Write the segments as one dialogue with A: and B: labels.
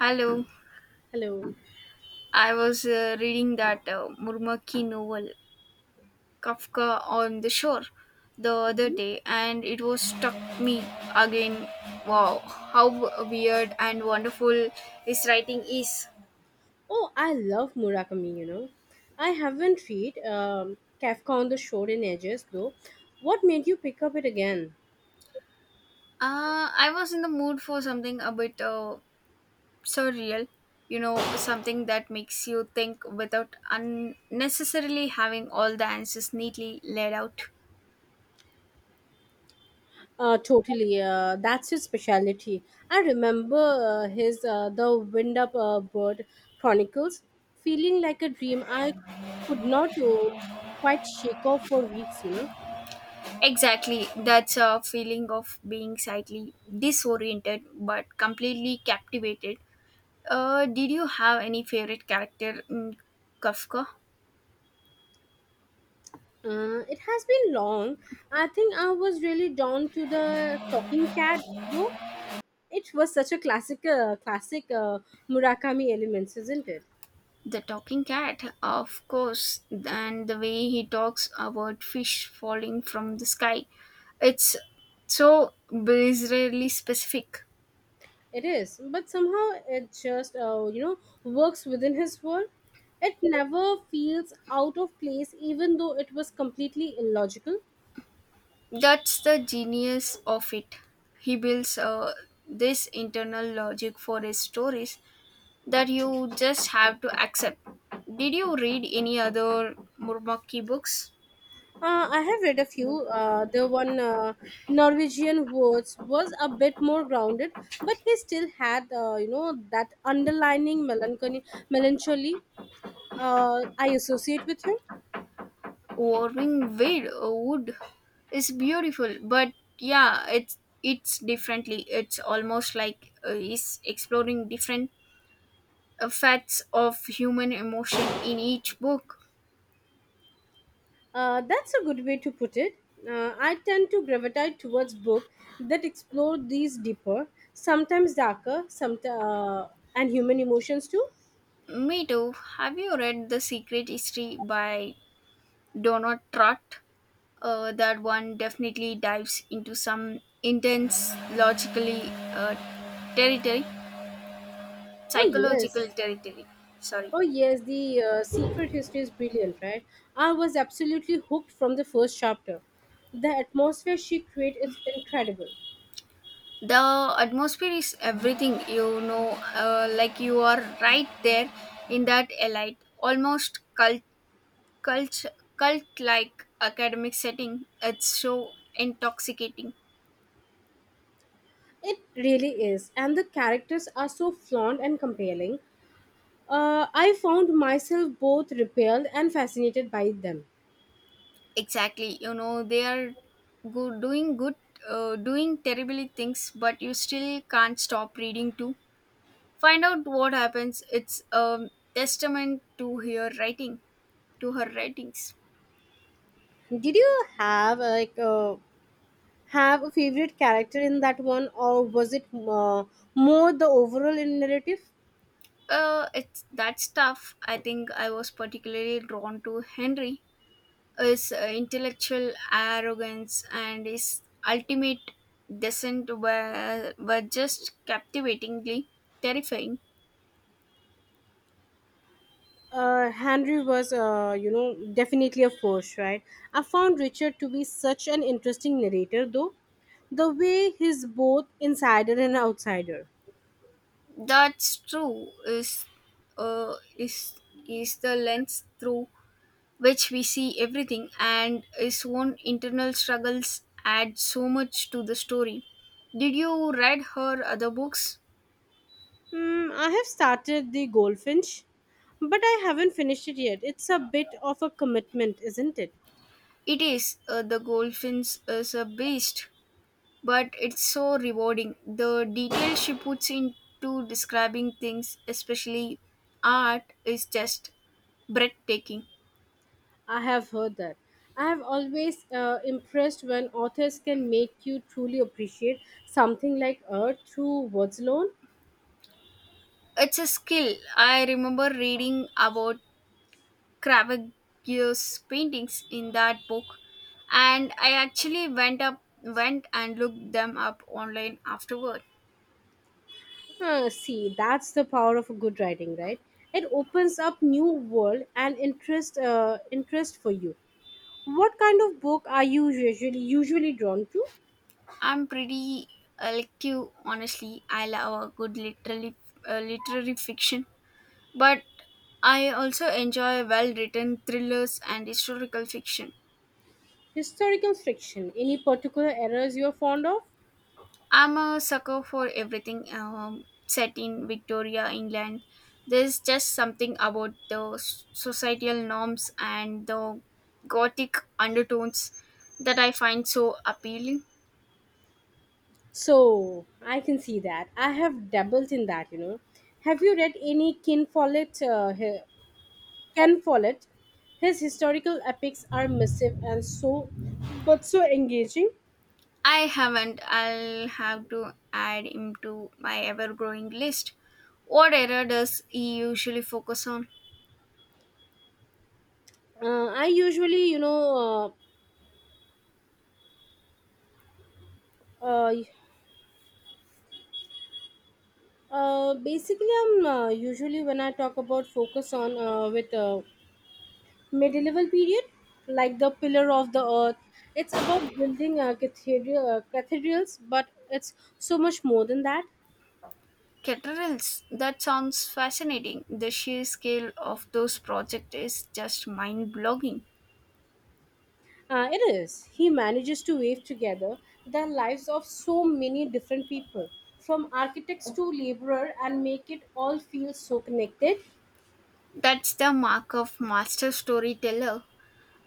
A: Hello.
B: Hello.
A: I was reading that Murmaki novel, Kafka on the Shore, the other day, and it was struck me again. Wow, how weird and wonderful his writing is.
B: Oh, I love Murakami, you know. I haven't read Kafka on the Shore in ages, though. What made you pick up it again?
A: I was in the mood for something a bit surreal, you know, something that makes you think without unnecessarily having all the answers neatly laid out.
B: Totally. That's his specialty. I remember his The Wind Up Bird Chronicles feeling like a dream I could not quite shake off for weeks, you know.
A: Exactly. That's a feeling of being slightly disoriented but completely captivated. Did you have any favorite character in Kafka?
B: It has been long. I think I was really drawn to the talking cat, though. It was such a classic Murakami elements, isn't it?
A: The talking cat, of course, and the way he talks about fish falling from the sky. It's so bizarrely specific.
B: It is, but somehow it just works within his world. It never feels out of place, even though it was completely illogical.
A: That's the genius of it. He builds this internal logic for his stories that you just have to accept. Did you read any other Murmaki books?
B: I have read a few. The one Norwegian words was a bit more grounded, but he still had that underlining melancholy I associate with him.
A: Warming Wade Wood is beautiful, but yeah, it's differently. It's almost like he's exploring different facets of human emotion in each book.
B: That's a good way to put it. I tend to gravitate towards books that explore these deeper, sometimes darker, some and human emotions too.
A: Me too. Have you read The Secret History by Donut Trust. That one definitely dives into some intense, logically uh, territory,
B: Oh
A: psychological
B: yes,
A: territory. Sorry.
B: oh, yes. The Secret History is brilliant, right? I was absolutely hooked from the first chapter. The atmosphere she creates is incredible.
A: The atmosphere is everything, you know, like you are right there in that elite, almost cult, cult, cult like academic setting. It's so intoxicating.
B: It really is, and the characters are so flawed and compelling. I found myself both repelled and fascinated by them.
A: Exactly. You know, they are doing good, doing terribly things, but you still can't stop reading to find out what happens. It's a testament to her writing, to her writings.
B: Did you have have a favorite character in that one, or was it more the overall in narrative?
A: It's that stuff. I think I was particularly drawn to Henry, his intellectual arrogance and his ultimate descent were just captivatingly terrifying.
B: Henry was, definitely a force, right? I found Richard to be such an interesting narrator, though. The way he's both insider and outsider.
A: That's true. Uh, is is the lens through which we see everything, and his own internal struggles add so much to the story. Did you read her other books?
B: Hmm, I have started the Goldfinch, but I haven't finished it yet. It's a bit of a commitment, isn't it?
A: It is the Goldfinch is a beast, but it's so rewarding. The detail she puts into describing things, especially art, is just breathtaking.
B: I have heard that. I have always impressed when authors can make you truly appreciate something like art through words alone.
A: It's a skill. I remember reading about Caravaggio's paintings in that book, and I actually went and looked them up online afterward.
B: Huh, see, that's the power of a good writing, right? It opens up new world and interest for you. What kind of book are you usually drawn to?
A: I'm pretty elective, honestly. I love a good literary fiction, but I also enjoy well written thrillers and historical fiction.
B: Historical fiction. Any particular eras you're fond of?
A: I'm a sucker for everything set in Victoria, England. There's just something about the societal norms and the gothic undertones that I find so appealing.
B: So I can see that. I have dabbled in that, you know. Have you read any Ken Follett. His historical epics are massive and so, but so engaging.
A: I haven't. I'll have to add him to my ever growing list. What era does he usually focus on?
B: I usually, you know, uh, uh, basically, I'm usually when I talk about focus on with medieval period, like the pillar of the earth. It's about building cathedrals, but it's so much more than that.
A: Cathedrals. That sounds fascinating. The sheer scale of those projects is just mind blogging.
B: It is. He manages to weave together the lives of so many different people, from architects to laborer, and make it all feel so connected.
A: That's the mark of master storyteller.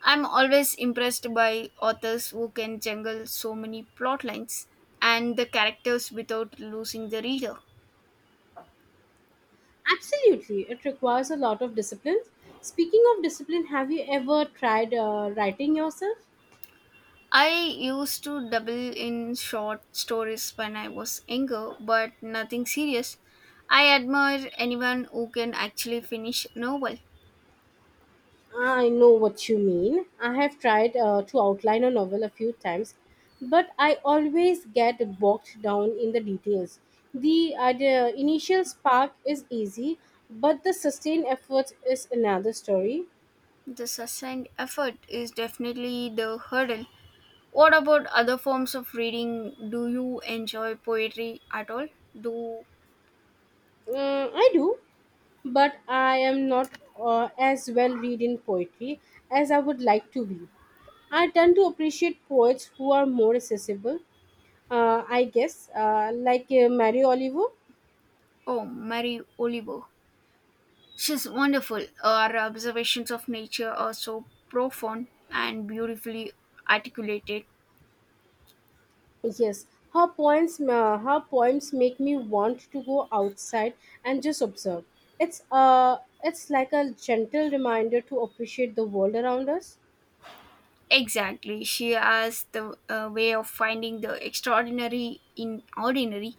A: I'm always impressed by authors who can juggle so many plot lines and the characters without losing the reader.
B: Absolutely, it requires a lot of discipline. Speaking of discipline, have you ever tried writing yourself?
A: I used to double in short stories when I was younger, but nothing serious. I admire anyone who can actually finish a novel.
B: I know what you mean. I have tried to outline a novel a few times, but I always get bogged down in the details. The initial spark is easy, but the sustained effort is another story.
A: The sustained effort is definitely the hurdle. What about other forms of reading? Do you enjoy poetry at all? Do
B: Mm, I do, but I am not as well read in poetry as I would like to be. I tend to appreciate poets who are more accessible, like Mary Oliver.
A: oh, Mary Oliver. She's wonderful. Her observations of nature are so profound and beautifully articulated.
B: Yes, her her poems make me want to go outside and just observe. It's like a gentle reminder to appreciate the world around us.
A: Exactly. She has the way of finding the extraordinary in ordinary.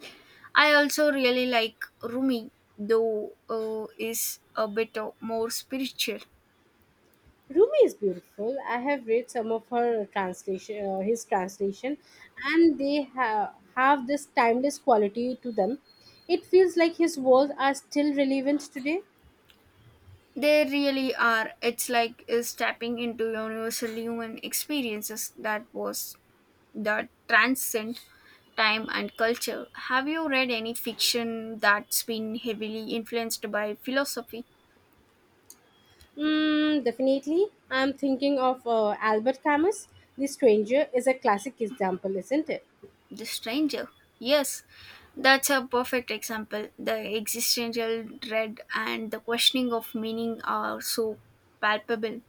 A: I also really like Rumi, though is a bit more spiritual.
B: Rumi is beautiful. I have read some of her translation, and they have this timeless quality to them. It feels like his words are still relevant today.
A: They really are. It's like is tapping into universal human experiences that transcend time and culture, have you read any fiction that's been heavily influenced by philosophy?
B: Mm, definitely. I'm thinking of Albert Camus. The Stranger is a classic example, isn't it?
A: The Stranger. Yes, that's a perfect example. The existential dread and the questioning of meaning are so palpable.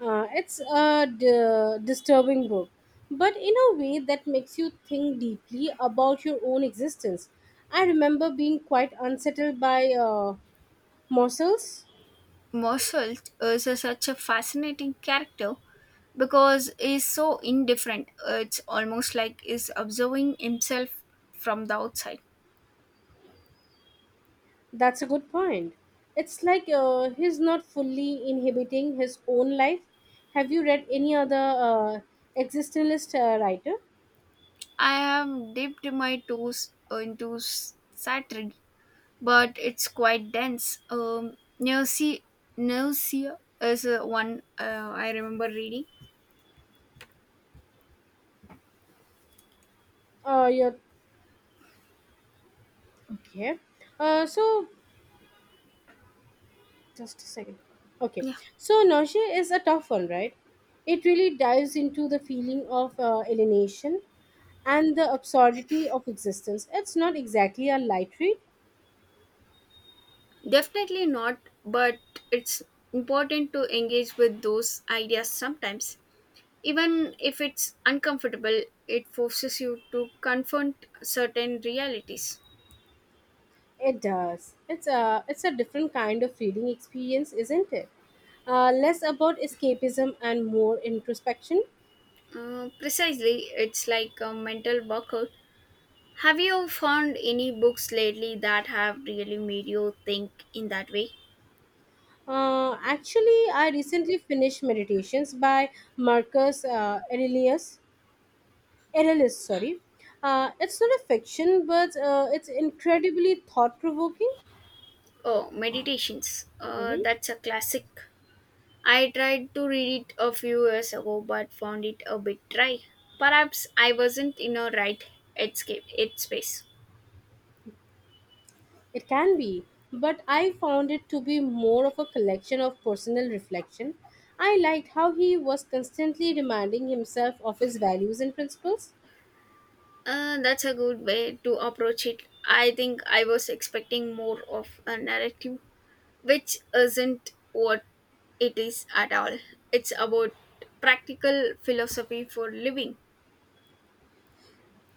B: It's a disturbing book, but in a way that makes you think deeply about your own existence. I remember being quite unsettled by Morsel's.
A: Mossult is such a fascinating character because he's so indifferent. It's almost like he's observing himself from the outside.
B: That's a good point. It's like he's not fully inhabiting his own life. Have you read any other existentialist writer?
A: I have dipped my toes into Saturday but it's quite dense. Nausea is one I remember reading.
B: You okay. Uh, so just a second, okay.
A: Yeah,
B: So nausea is a tough one, right? It really dives into the feeling of alienation and the absurdity of existence. It's not exactly a light read.
A: definitely not, but it's important to engage with those ideas sometimes. Even if it's uncomfortable, it forces you to confront certain realities.
B: It does. It's a different kind of reading experience, isn't it? Uh, less about escapism and more introspection.
A: Precisely, it's like a mental workout. Have you found any books lately that have really made you think in that way?
B: Uh, actually, I recently finished Meditations by Marcus Aurelius sorry. It's not a fiction, but it's incredibly thought provoking.
A: Oh, Meditations. Uh,
B: Hmm.
A: that's a classic. I tried to read it a few years ago but found it a bit dry. Perhaps I wasn't in a right headspace.
B: It can be, but I found it to be more of a collection of personal reflection. I liked how he was constantly reminding himself of his values and principles.
A: That's a good way to approach it. I think I was expecting more of a narrative, which isn't what it is at all. It's about practical philosophy for living.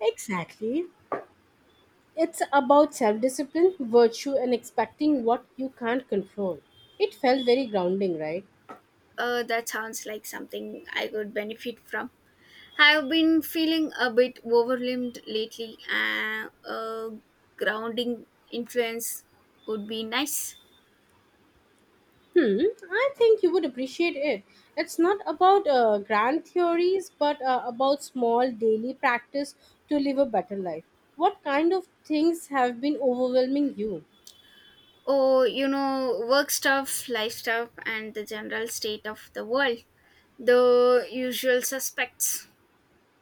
B: Exactly. It's about self discipline, virtue, and expecting what you can't control. It felt very grounding, right?
A: That sounds like something I could benefit from. I've been feeling a bit overwhelmed lately, and a grounding influence would be nice.
B: Hmm, I think you would appreciate it. It's not about grand theories, but about small daily practice to live a better life. What kind of things have been overwhelming you?
A: Oh, you know, work stuff, life stuff, and the general state of the world. The usual suspects.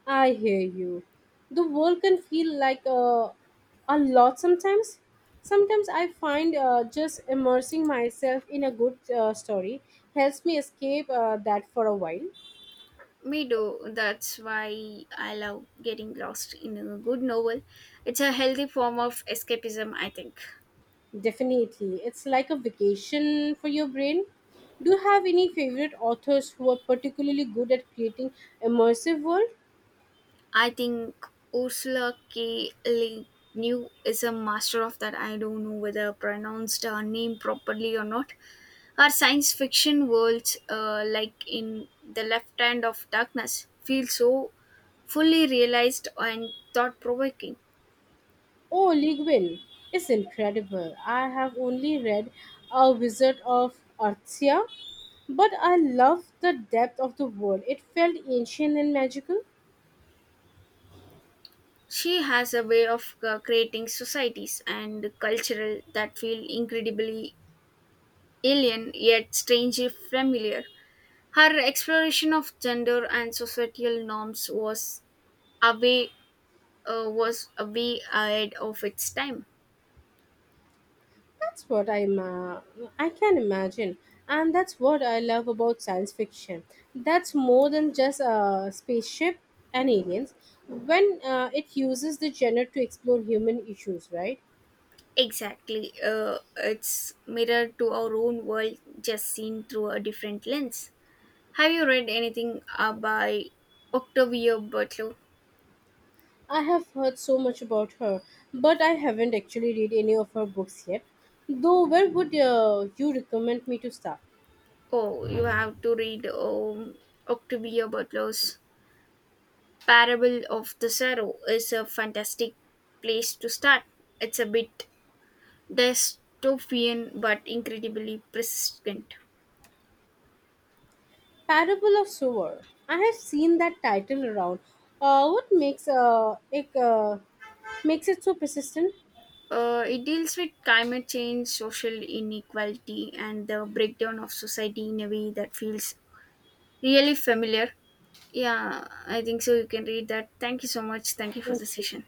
B: I hear you. The world can feel like a lot sometimes. Sometimes I find just immersing myself in a good story helps me escape that for a while.
A: Me do. That's why I love getting lost in a good novel. It's a healthy form of escapism, I think.
B: Definitely. It's like a vacation for your brain. Do you have any favorite authors who are particularly good at creating immersive world?
A: I think Ursula K. Le Guin is a master of that. I don't know whether I pronounced her name properly or not. Her science fiction worlds, like in The Left Hand of Darkness, feel so fully realized and thought provoking.
B: Oh, Lee Guin is incredible. I have only read A Wizard of Artzia, but I love the depth of the world. It felt ancient and magical.
A: She has a way of creating societies and cultural that feel incredibly alien yet strangely familiar. Her exploration of gender and societal norms was Away was way ahead of its time.
B: That's what I'm. I can imagine, and that's what I love about science fiction. That's more than just a spaceship and aliens. When it uses the genre to explore human issues, right?
A: Exactly. It's mirror to our own world, just seen through a different lens. Have you read anything by Octavia Butler?
B: I have heard so much about her, but I haven't actually read any of her books yet. Though, where would you recommend me to start?
A: Oh, you have to read Octavia Butler's Parable of the Sorrow. Is a fantastic place to start. It's a bit dystopian but incredibly persistent.
B: Parable of Sewer. I have seen that title around. What makes it makes it so persistent?
A: It deals with climate change, social inequality, and the breakdown of society in a way that feels really familiar. Yeah, I think so. You can read that. Thank you so much. Thank you for the
B: Thank you.
A: session.